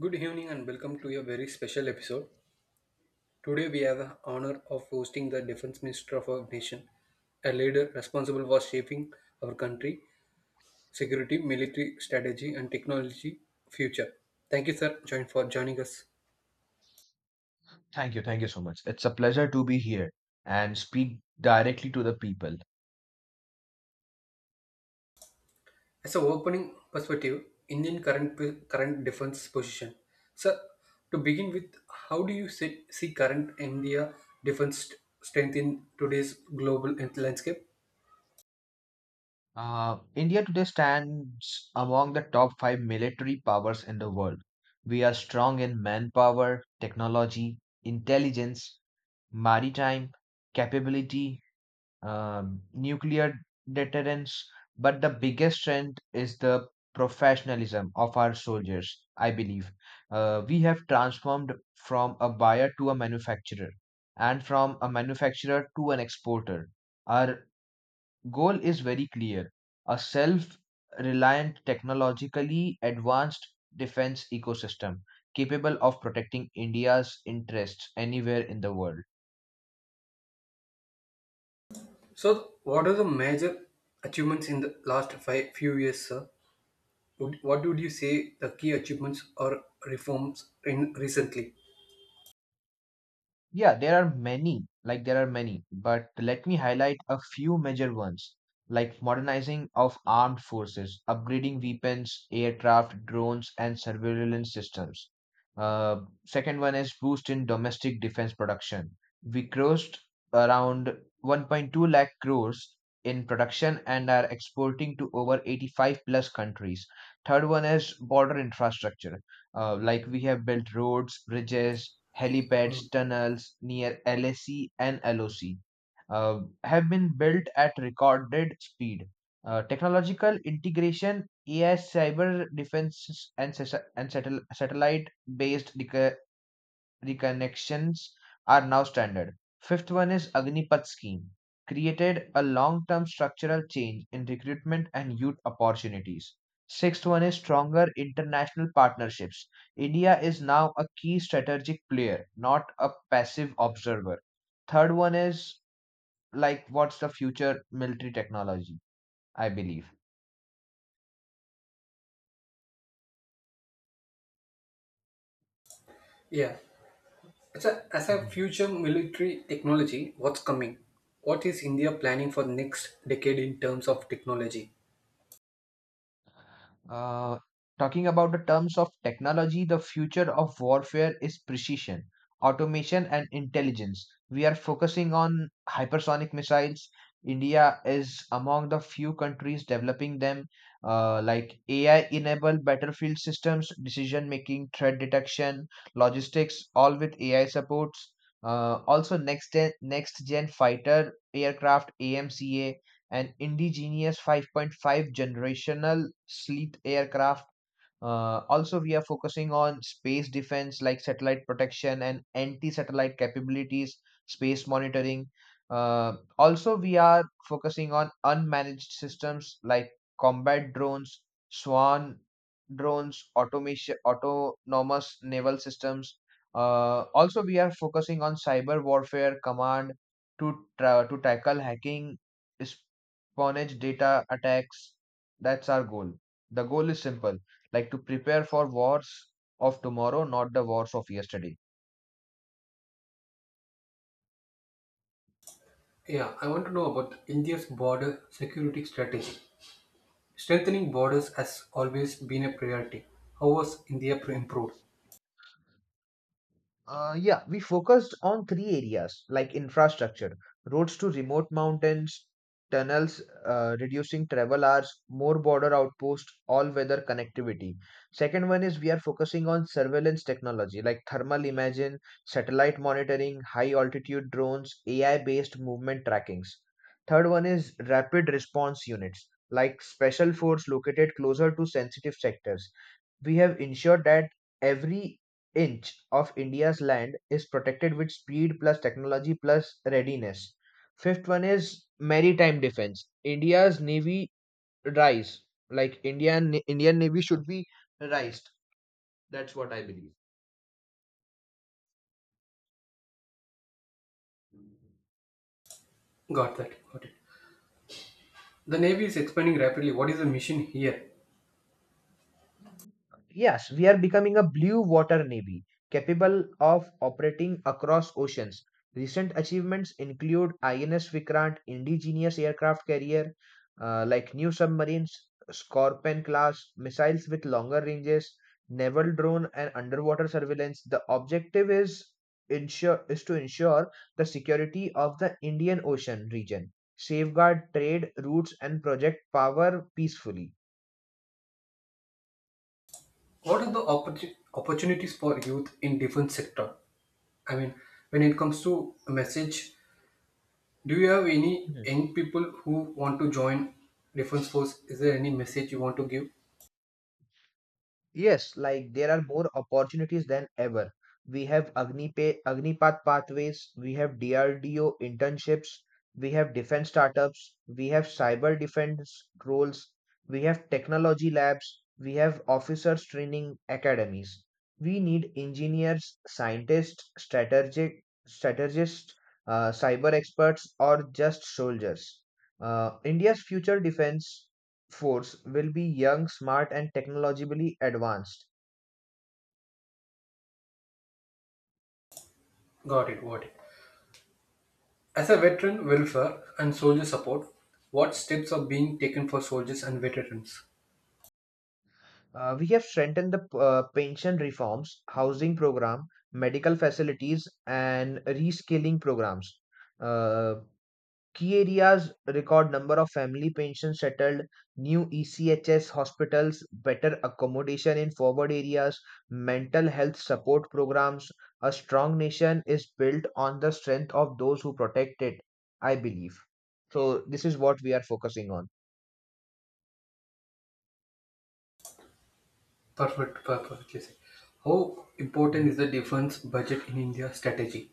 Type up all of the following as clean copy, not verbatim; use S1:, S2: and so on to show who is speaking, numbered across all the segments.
S1: Good evening and welcome to a very special episode. Today we have the honor of hosting the defense minister of our nation, a leader responsible for shaping our country, security, military strategy and technology future. Thank you sir join for joining us.
S2: Thank you. Thank you so much. It's a pleasure to be here and speak directly to the people.
S1: As an opening perspective, Indian current defense position. Sir, to begin with, how do you see current India defense strength in today's global landscape?
S2: India today stands among the top five military powers in the world. We are strong in manpower, technology, intelligence, maritime capability, nuclear deterrence, but the biggest strength is the professionalism of our soldiers, I believe. We have transformed from a buyer to a manufacturer and from a manufacturer to an exporter. Our goal is very clear, a self reliant, technologically advanced defense ecosystem capable of protecting India's interests anywhere in the world.
S1: So, what are the major achievements in the last five few years, sir? What would you say the key achievements or reforms in recently?
S2: Yeah, there are many, but let me highlight a few major ones, like modernizing of armed forces, upgrading weapons, aircraft, drones, and surveillance systems. Uh, Second one is boost in domestic defense production. We crossed around 1.2 lakh crores in production and are exporting to over 85 plus countries. Third one is border infrastructure. Like we have built roads, bridges, helipads,
S1: Mm.
S2: tunnels near LSE and LOC have been built at recorded speed. Technological integration, AI, cyber defense, and, satellite based reconnections are now standard. Fifth one is Agnipath scheme, created a long-term structural change in recruitment and youth opportunities. Sixth one is stronger international partnerships. India is now a key strategic player, not a passive observer. Third one is like what's the future military technology, I believe.
S1: Yeah. As a future military technology, what's coming? What is India planning for the next decade in terms of technology?
S2: Uh, Talking about the terms of technology, the future of warfare is precision, automation, and intelligence. We are focusing on hypersonic missiles. India is among the few countries developing them, like AI enabled battlefield systems, decision making, threat detection, logistics, all with AI supports. Also, next gen fighter aircraft AMCA, an indigenous 5.5 generational Sleet aircraft. Also, we are focusing on space defense like satellite protection and anti satellite capabilities, space monitoring. Also, we are focusing on unmanaged systems like combat drones, SWAN drones, automation, autonomous naval systems. Also, we are focusing on cyber warfare command to tackle hacking, espionage data attacks. That's our goal. The goal is simple, like to prepare for wars of tomorrow, not the wars of yesterday.
S1: Yeah, I want to know about India's border security strategy. Strengthening borders has always been a priority. How was India improved?
S2: Yeah, we focused on three areas like infrastructure, roads to remote mountains, tunnels, reducing travel hours, more border outposts, all weather connectivity. Second one is we are focusing on surveillance technology like thermal imaging, satellite monitoring, high altitude drones, AI based movement trackings. Third one is rapid response units like special force located closer to sensitive sectors. We have ensured that every inch of India's land is protected with speed plus technology plus readiness. Fifth one is maritime defense. India's navy rise, like Indian navy should be raised. That's what I believe.
S1: Got that. Got it. The Navy is expanding rapidly. What is the mission here?
S2: Yes, we are becoming a blue water navy capable of operating across oceans. Recent achievements include INS Vikrant, indigenous aircraft carrier, like new submarines, Scorpion class missiles with longer ranges, naval drone, and underwater surveillance. The objective is ensure is to ensure the security of the Indian Ocean region, safeguard trade routes, and project power peacefully.
S1: What are the opportunities for youth in defence sector? I mean, when it comes to a message, do you have any young people who want to join defense force? Is there any message you want to give?
S2: Yes, like there are more opportunities than ever. We have Agnipath pathways, we have DRDO internships, we have defense startups, we have cyber defense roles, we have technology labs, we have officers training academies. We need engineers, scientists, strategic strategists, cyber experts, or just soldiers. India's future defense force will be young, smart, and technologically advanced.
S1: Got it. Got it. As a veteran welfare and soldier support, what steps are being taken for soldiers and veterans?
S2: We have strengthened the pension reforms, housing program, medical facilities, and reskilling programs. Uh, Key areas, record number of family pensions settled, new ECHS hospitals, better accommodation in forward areas, mental health support programs. A strong nation is built on the strength of those who protect it, I believe. So, this is what we are focusing on.
S1: Perfect. Perfect. How
S2: Mhm.
S1: important is the defense budget in India strategy?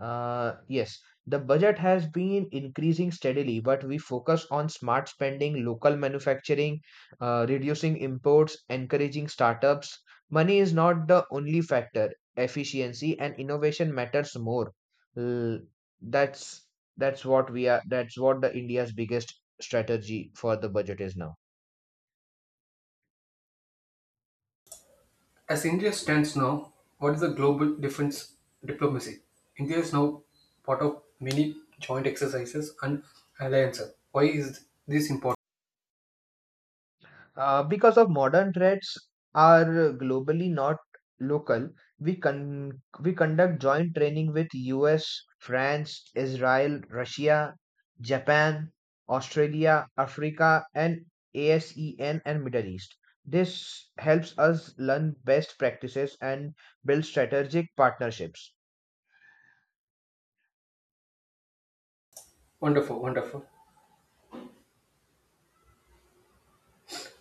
S2: Yes, the budget has been increasing steadily, but we focus on smart spending, local manufacturing, reducing imports, encouraging startups. Money is not the only factor. Efficiency and innovation matters more. L- that's that's what we are. That's what the India's biggest strategy for the budget is now.
S1: As India stands now, what is the global defense diplomacy? India is now part of many joint exercises and alliances. Why is this important?
S2: Because of modern threats are globally not local, we conduct joint training with US, France, Israel, Russia, Japan, Australia, Africa, and ASEAN and Middle East. This helps us learn best practices and build strategic partnerships.
S1: Wonderful, wonderful.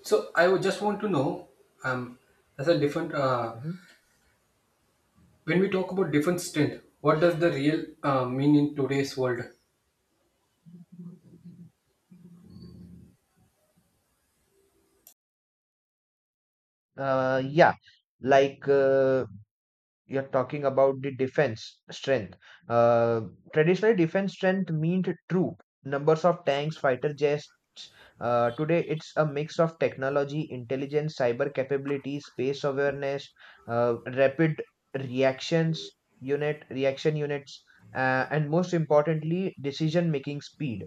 S1: So I would just want to know, um, as a different, uh,
S2: Mhm.
S1: when we talk about defense strength, what does the real mean in today's world?
S2: Uh, yeah, like uh, you're talking about the defense strength. Uh, Traditionally, defense strength meant troop, numbers of tanks, fighter jets. Today, it's a mix of technology, intelligence, cyber capabilities, space awareness, uh, rapid reactions reaction units, and most importantly, decision making speed.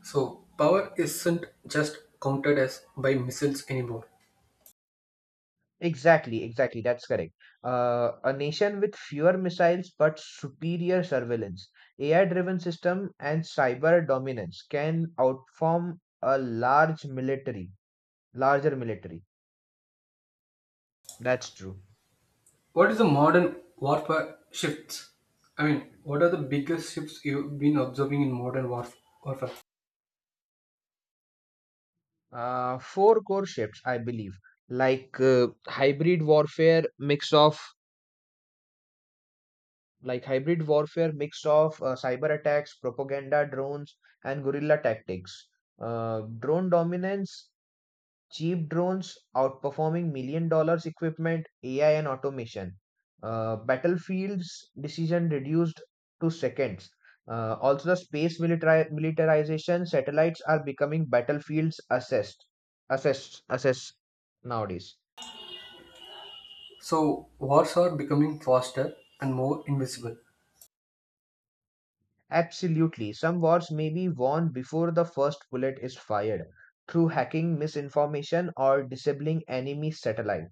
S1: So power isn't just counted as by missiles anymore.
S2: Exactly, exactly. That's correct. A nation with fewer missiles but superior surveillance, AI-driven system, and cyber dominance can outform a large military, larger military. That's true.
S1: What is the modern warfare shifts? I mean, what are the biggest shifts you've been observing in modern warfare?
S2: Four core shifts, I believe, like uh, hybrid warfare, mix of like hybrid warfare, mix of cyber attacks, propaganda, drones, and guerrilla tactics. Drone dominance, cheap drones outperforming million dollars equipment, AI and automation. Battlefield's decision reduced to seconds. Also, the militarization, satellites are becoming battlefields assessed nowadays.
S1: So, wars are becoming faster and more invisible.
S2: Absolutely, some wars may be won before the first bullet is fired through hacking, misinformation, or disabling enemy satellite.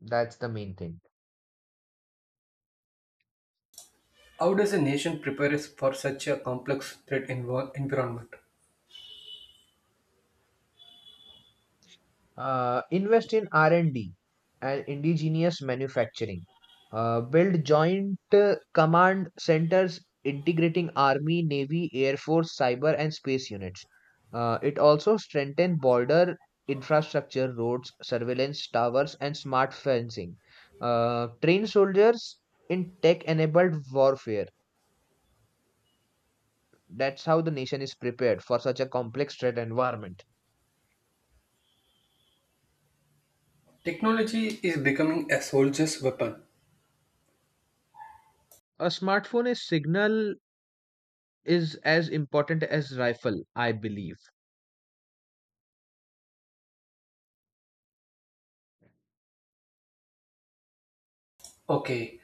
S2: That's the main thing.
S1: How does a nation prepare us for such a complex threat environment?
S2: Invest in R&D and D and indigenous manufacturing. Build joint command centers integrating Army, Navy, Air Force, cyber, and space units. It also strengthen border infrastructure, roads, surveillance towers, and smart fencing. Train soldiers in tech-enabled warfare. That's how the nation is prepared for such a complex threat environment.
S1: Technology is becoming a soldier's weapon.
S2: A smartphone is signal is as important as rifle, I believe.
S1: Okay,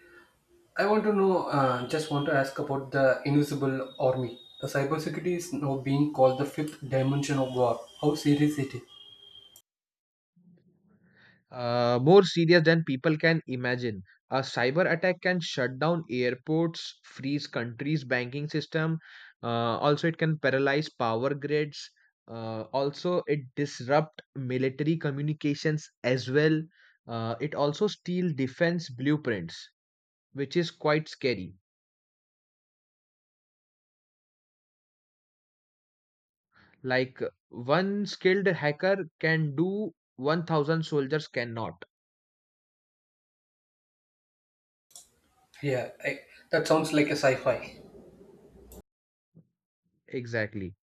S1: I want to know, just want to ask about the invisible army. The cybersecurity is now being called the fifth dimension of war. How serious it is?
S2: More serious than people can imagine. A cyber attack can shut down airports, freeze countries' banking system. Also, it can paralyze power grids. Also, it disrupt military communications as well. It also steal defense blueprints, which is quite scary. Like one skilled hacker can do 1,000 soldiers cannot.
S1: Yeah, that sounds like a sci fi.
S2: Exactly.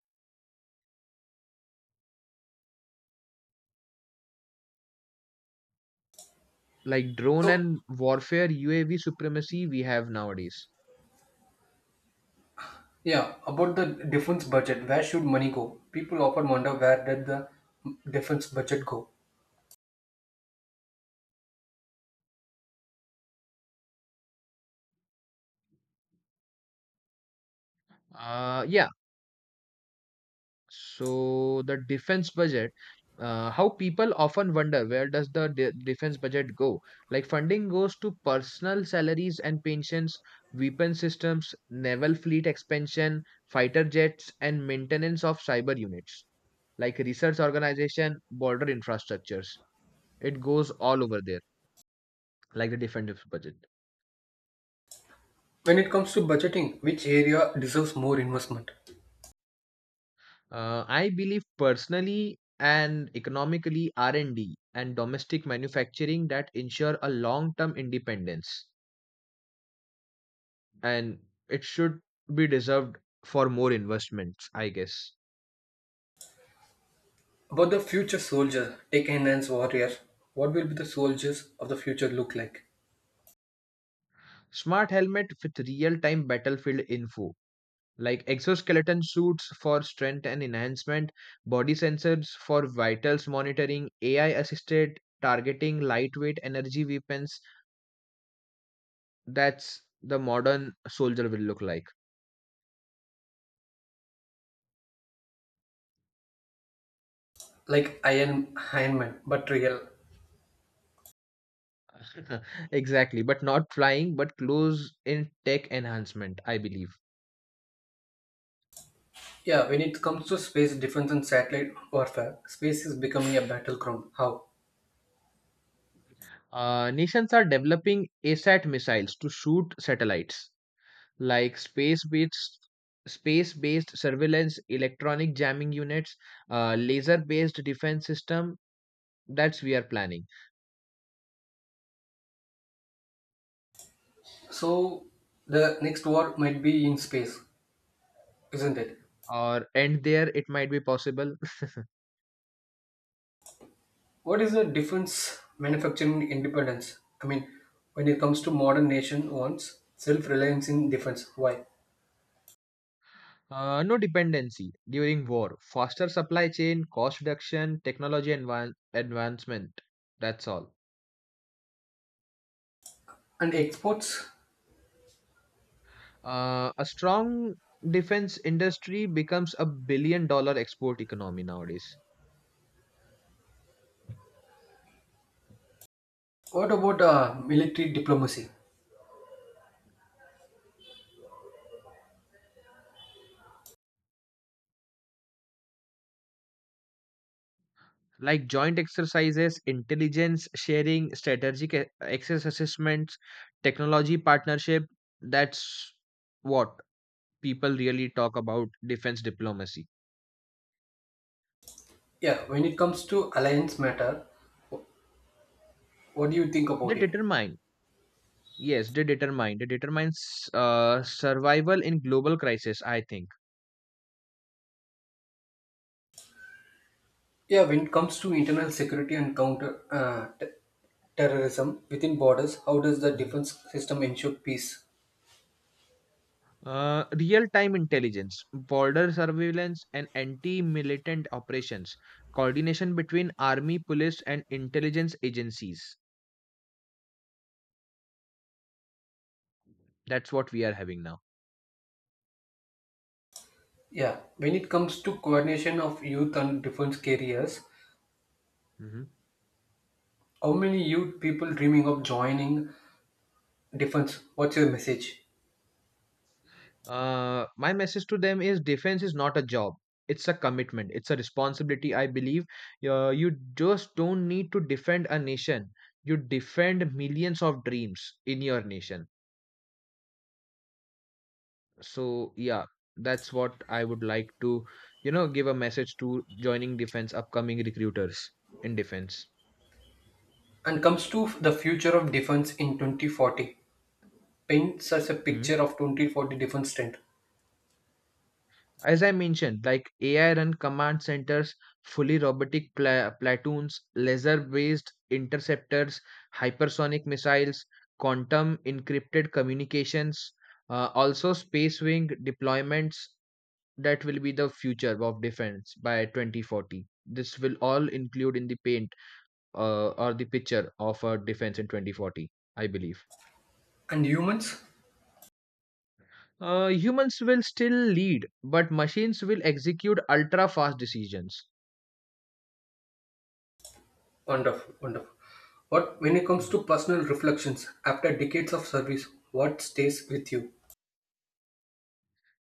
S2: Like drone
S1: So,
S2: and warfare UAV supremacy we have nowadays.
S1: yeah, about the defense budget, where should money go? People often wonder where did the defense budget go?
S2: Yeah, so the defense budget. How people often wonder where does the defense budget go? Like funding goes to personal salaries and pensions, weapon systems, naval fleet expansion, fighter jets, and maintenance of cyber units, like research organization, border infrastructures. It goes all over there, like the defense budget.
S1: When it comes to budgeting, which area deserves more investment?
S2: I believe personally and economically R&D and D and domestic manufacturing that ensure a long-term independence and it should be deserved for more investments, I guess.
S1: About the future soldiers, take enhanced warriors, what will be the soldiers of the future look like?
S2: Smart helmet with real-time battlefield info, like exoskeleton suits for strength and enhancement, body sensors for vitals monitoring, AI assisted targeting lightweight energy weapons. That's the modern soldier will look like.
S1: Like Iron Man, but real.
S2: Exactly, but not flying, but close in tech enhancement, I believe.
S1: Yeah, when it comes to space defense and satellite warfare, space is becoming a battleground. How?
S2: Nations are developing ASAT missiles to shoot satellites, like space-based surveillance, electronic jamming units, laser-based defense system. That's we are planning.
S1: So, the next war might be in space, isn't it?
S2: Or and there it might be possible.
S1: What is the difference manufacturing independence? I mean, when it comes to modern nation wants self-reliance in defense. Why?
S2: No dependency during war. Faster supply chain, cost reduction, advancement. That's all.
S1: And exports.
S2: A strong defense industry becomes a billion dollar export economy nowadays.
S1: What about military diplomacy?
S2: Like joint exercises, intelligence sharing, access assessments, technology partnership. That's what people really talk about defense diplomacy.
S1: Yeah, when it comes to alliance matter, what do you think
S2: They
S1: about it?
S2: determine, yes, they determine, They determines survival in global crisis, I think.
S1: Yeah, when it comes to internal security and counter terrorism within borders, how does the defense system ensure peace?
S2: Real-time intelligence, border surveillance, and anti-militant operations, coordination between army, police, and intelligence agencies. That's what we are having now.
S1: Yeah, when it comes to coordination of youth and defense careers,
S2: Mhm.
S1: how many youth people dreaming of joining Defense, what's your message?
S2: My message to them is defense is not a job. It's a commitment. It's a responsibility. I believe you just don't need to defend a nation. You defend millions of dreams in your nation. So yeah, that's what I would like to give a message to joining defense upcoming recruiters in defense.
S1: And comes to the future of defense in 2040. Paints us a
S2: Mhm.
S1: picture of 2040 defense strength.
S2: As I mentioned, like AI run command centers, fully robotic platoons, laser based interceptors, hypersonic missiles, quantum encrypted communications, also space wing deployments. That will be the future of defense by 2040. This will all include in the pay, or the picture of our defense in 2040, I believe.
S1: And humans?
S2: Humans will still lead, but machines will execute ultra fast decisions.
S1: Wonderful, wonderful. What when it comes
S2: Mhm.
S1: to personal reflections after decades of service, what stays with you?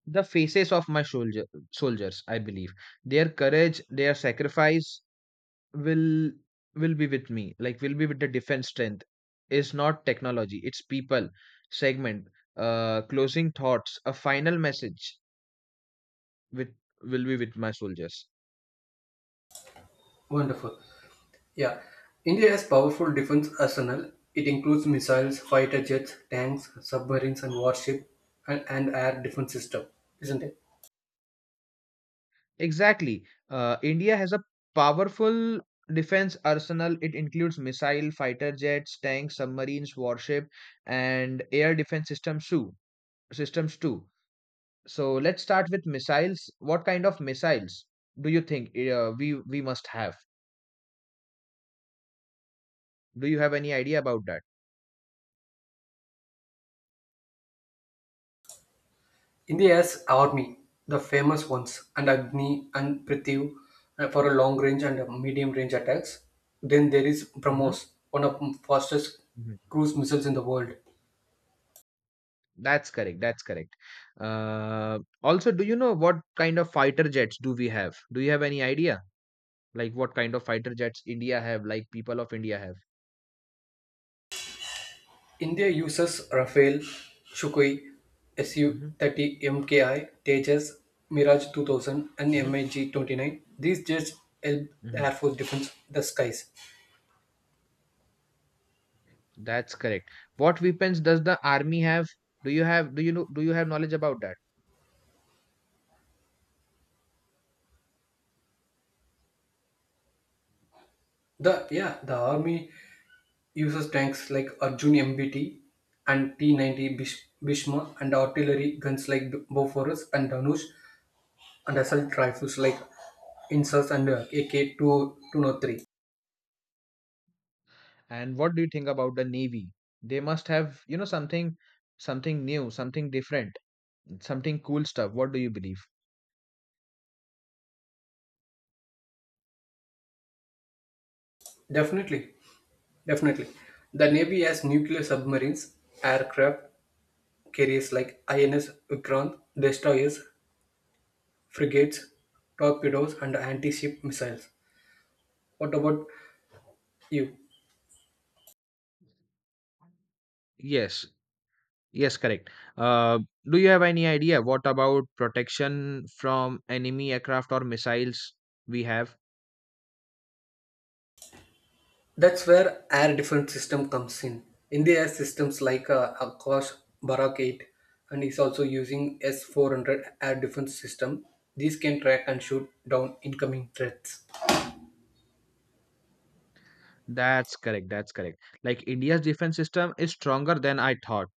S2: The faces of soldiers, I believe, their courage, their sacrifice will will be with me. Like will be with the defense strength. Is not technology. It's people. Segment. Closing thoughts. A final message with will be with my soldiers.
S1: Wonderful. Yeah. India has powerful defense arsenal. It includes missiles, fighter jets, tanks, submarines and warship and air defense system, isn't it?
S2: Exactly. India has a powerful defense arsenal. It includes missile, fighter jets, tanks, submarines, warship, and air defense Systems too. So let's start with missiles. What kind of missiles do you think we must have? Do you have any idea about that?
S1: India's army, the famous ones, and Agni and Prithvi for a long range and medium range attacks. Then there is
S2: Mhm,
S1: BrahMos, one of the fastest
S2: mhm.
S1: cruise missiles in the world.
S2: That's correct. That's correct. Also, do you know what kind of fighter jets do we have? Do you have any idea? Like what kind of fighter jets India have? Like people of India have?
S1: India uses Rafale, Sukhoi, Su
S2: Mhm.
S1: 30 MKI, Tejas, Mirage 2000, and
S2: Mhm,
S1: MiG 29. These jets help the
S2: mhm.
S1: Air Force defense the skies.
S2: That's correct. What weapons does the army have? Do you know do you have knowledge about that?
S1: The army uses tanks like Arjun MBT and T-90 Bhishma and artillery guns like Bofors and Danush and assault rifles like Insas and AK-203.
S2: And what do you think about the navy? They must have, something something new, something different, something cool stuff. What do you believe?
S1: Definitely, definitely. The Navy has nuclear submarines, aircraft carriers like INS Vikrant, destroyers, frigates, torpedoes, and anti-ship missiles. What about you?
S2: Yes. Yes, correct. Uh, do you have any idea what about protection from enemy aircraft or missiles we have?
S1: That's where air defense system comes in. In the air systems like Akash Barak 8 and is also using S-400 air defense system. These can track and shoot down incoming threats.
S2: That's correct. That's correct. Like India's defense system is stronger than I thought.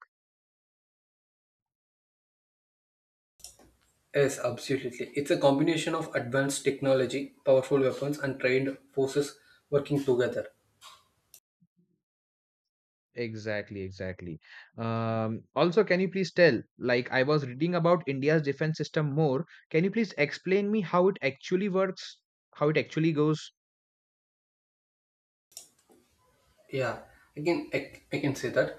S1: Yes, absolutely. It's a combination of advanced technology, powerful weapons, and trained forces working together.
S2: Exactly, exactly. Also, can you please tell, like I was reading about India's defense system more. Can you please explain me how it actually works, how it actually goes?
S1: Yeah, again, I can say that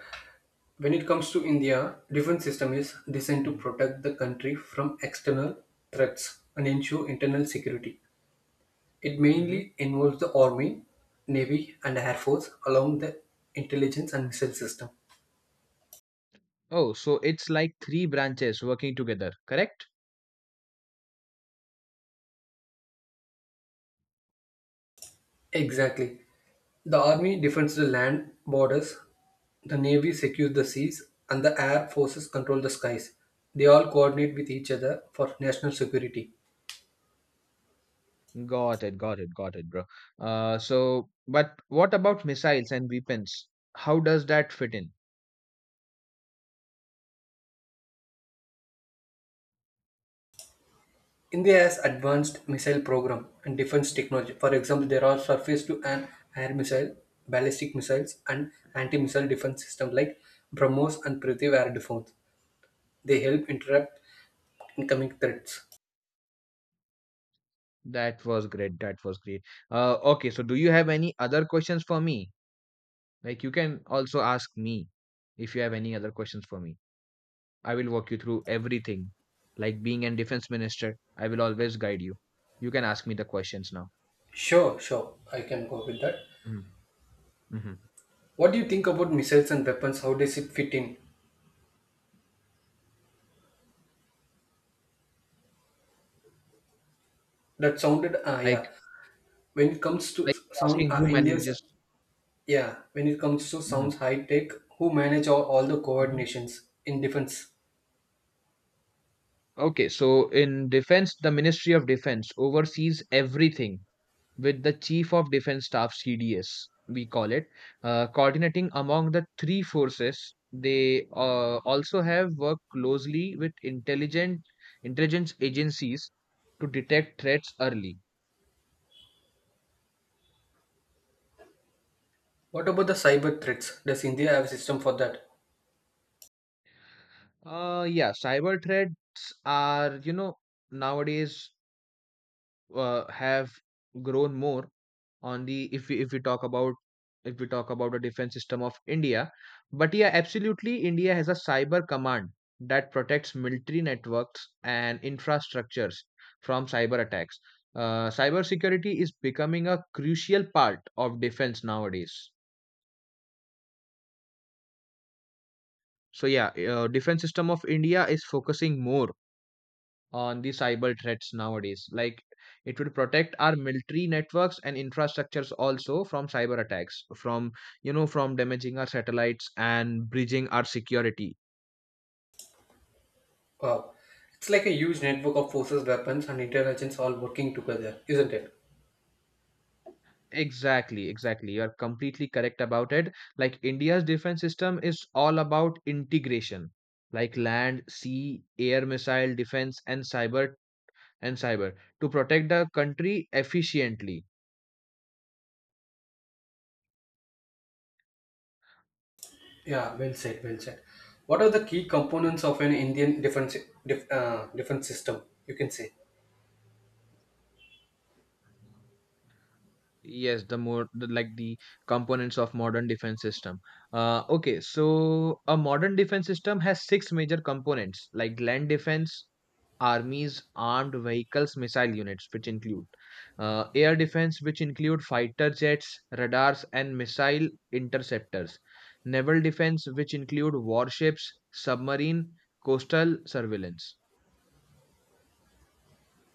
S1: when it comes to India, defense system is designed to protect the country from external threats and ensure internal security. It
S2: Mm-hmm.
S1: mainly involves the Army, Navy, and Air Force, along the intelligence and missile system.
S2: Oh, so it's like three branches working together, correct?
S1: Exactly. The Army defends the land borders, the Navy secures the seas, and the Air Forces control the skies. They all coordinate with each other for national security.
S2: Got it, got it, got it, bro. So, but what about missiles and weapons? How does that fit in?
S1: India has advanced missile program and defense technology. For example, there are surface to an air missile, ballistic missiles, and anti-missile defense system like BrahMos and Prithvi air defense. They help interrupt incoming threats.
S2: That was great. That was great. Okay, so do you have any other questions for me? Like you can also ask me if you have any other questions for me. I will walk you through everything. Like being a defense minister, I will always guide you. You can ask me the questions now.
S1: Sure, sure, I can go with that.
S2: Mm-hmm. Hmm.
S1: What do you think about missiles and weapons? How does it fit in? That sounded, ah
S2: Like
S1: yeah. When it comes to
S2: like
S1: sound,
S2: asking who manages.
S1: Yeah. When it comes to
S2: Mhm,
S1: sounds high tech, who manage all the
S2: mhm.
S1: coordinations in defense?
S2: Okay, so in defense, the Ministry of Defense oversees everything with the Chief of Defense Staff CDS, we call it, coordinating among the three forces. They also have worked closely with intelligent intelligence agencies to detect threats early.
S1: What about the cyber threats? Does India have a system for that?
S2: Yeah, cyber threats are nowadays have grown more, on the if we talk about if we talk about the defense system of India. But yeah, absolutely, India has a cyber command that protects military networks and infrastructures from cyber attacks. Cyber security is becoming a crucial part of defense nowadays. So yeah, defense system of India is focusing more on the cyber threats nowadays. Like it would protect our military networks and infrastructures also from cyber attacks, from from damaging our satellites and bridging our security.
S1: Wow, it's like a huge network of forces, weapons, and intelligence all working together, isn't it?
S2: Exactly, exactly. You are completely correct about it. Like India's defense system is all about integration, like land, sea, air missile defense and cyber to protect the country efficiently.
S1: Yeah, well said. What are the key components of an Indian defense defense system? You can say.
S2: Yes, the more the, like the components of modern defense system. Okay, so a modern defense system has six major components like land defense, armies, armed vehicles, missile units which include, air defense which include fighter jets, radars and missile interceptors, naval defense which include warships, submarine, coastal surveillance.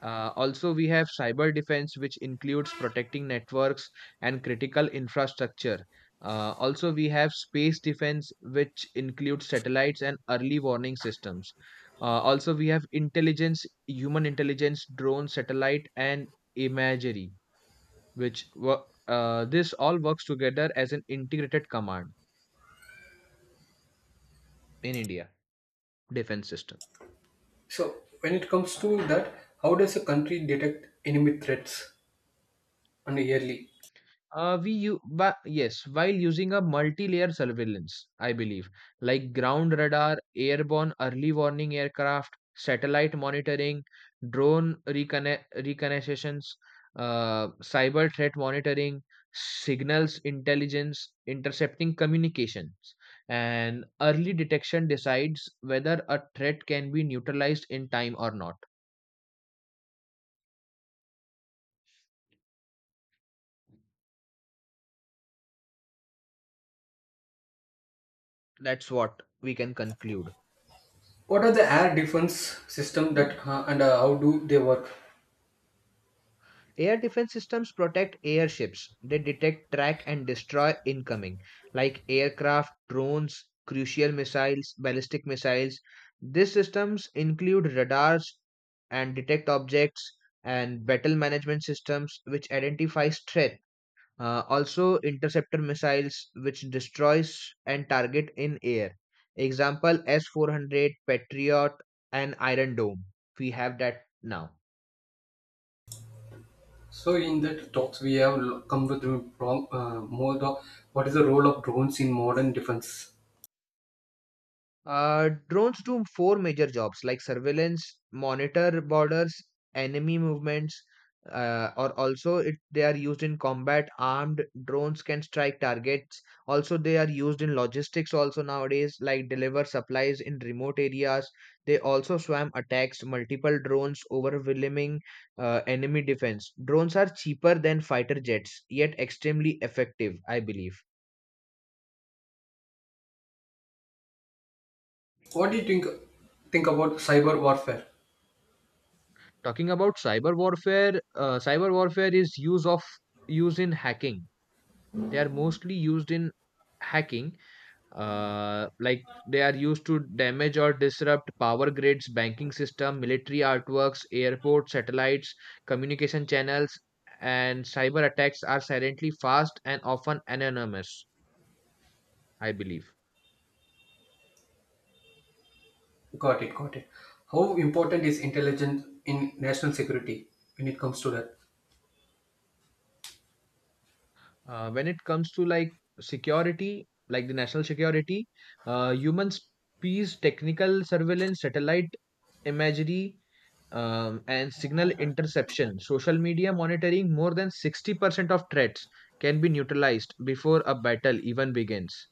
S2: Also, we have cyber defense, which includes protecting networks and critical infrastructure. Also, we have space defense, which includes satellites and early warning systems. Also, we have intelligence, human intelligence, drone, satellite, and imagery, which this all works together as an integrated command in India defense system.
S1: So when it comes to that, how does a country detect enemy threats on a yearly?
S2: We you But yes, while using a multi-layer surveillance, I believe, like ground radar, airborne early warning aircraft, satellite monitoring, drone reconna reconnaissance, cyber threat monitoring, signals intelligence, intercepting communications, and early detection decides whether a threat can be neutralized in time or not. That's what we can conclude.
S1: What are the air defense system that and how do they work?
S2: Air defense systems protect airships. They detect, track, and destroy incoming, like aircraft, drones, crucial missiles, ballistic missiles. These systems include radars and detect objects and battle management systems which identify threat. Also, interceptor missiles which destroys and target in air. Example S 400, Patriot, and Iron Dome. We have that now.
S1: So in that talks we have lo- come with the wrong, more the what is the role of drones in modern defense?
S2: Drones do four major jobs like surveillance, monitor borders, enemy movements, or also they are used in combat. Armed drones can strike targets. Also, they are used in logistics also nowadays, like deliver supplies in remote areas. They also swarm attacks multiple drones overwhelming enemy defense. Drones are cheaper than fighter jets, yet extremely effective, I believe.
S1: What do you think about cyber warfare?
S2: Talking about cyber warfare is use in hacking. They are mostly used in hacking, like they are used to damage or disrupt power grids, banking system, military artworks, airports, satellites, communication channels, and cyber attacks are silently fast and often anonymous. I believe.
S1: Got it, got it. How important is intelligence in national security when it comes to that?
S2: When it comes to like security, like the national security, human species, technical surveillance, satellite imagery, and signal interception, social media monitoring, more than 60% of threats can be neutralized before a battle even begins.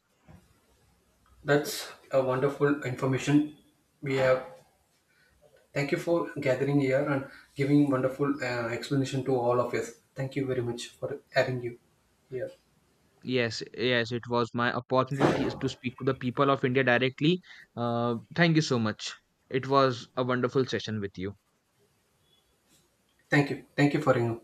S1: That's a wonderful information we have. Thank you for gathering here and giving wonderful explanation to all of us. Thank you very much for having you here.
S2: Yes, yes, it was my opportunity to speak to the people of India directly. Thank you so much. It was a wonderful session with you.
S1: Thank you. Thank you for having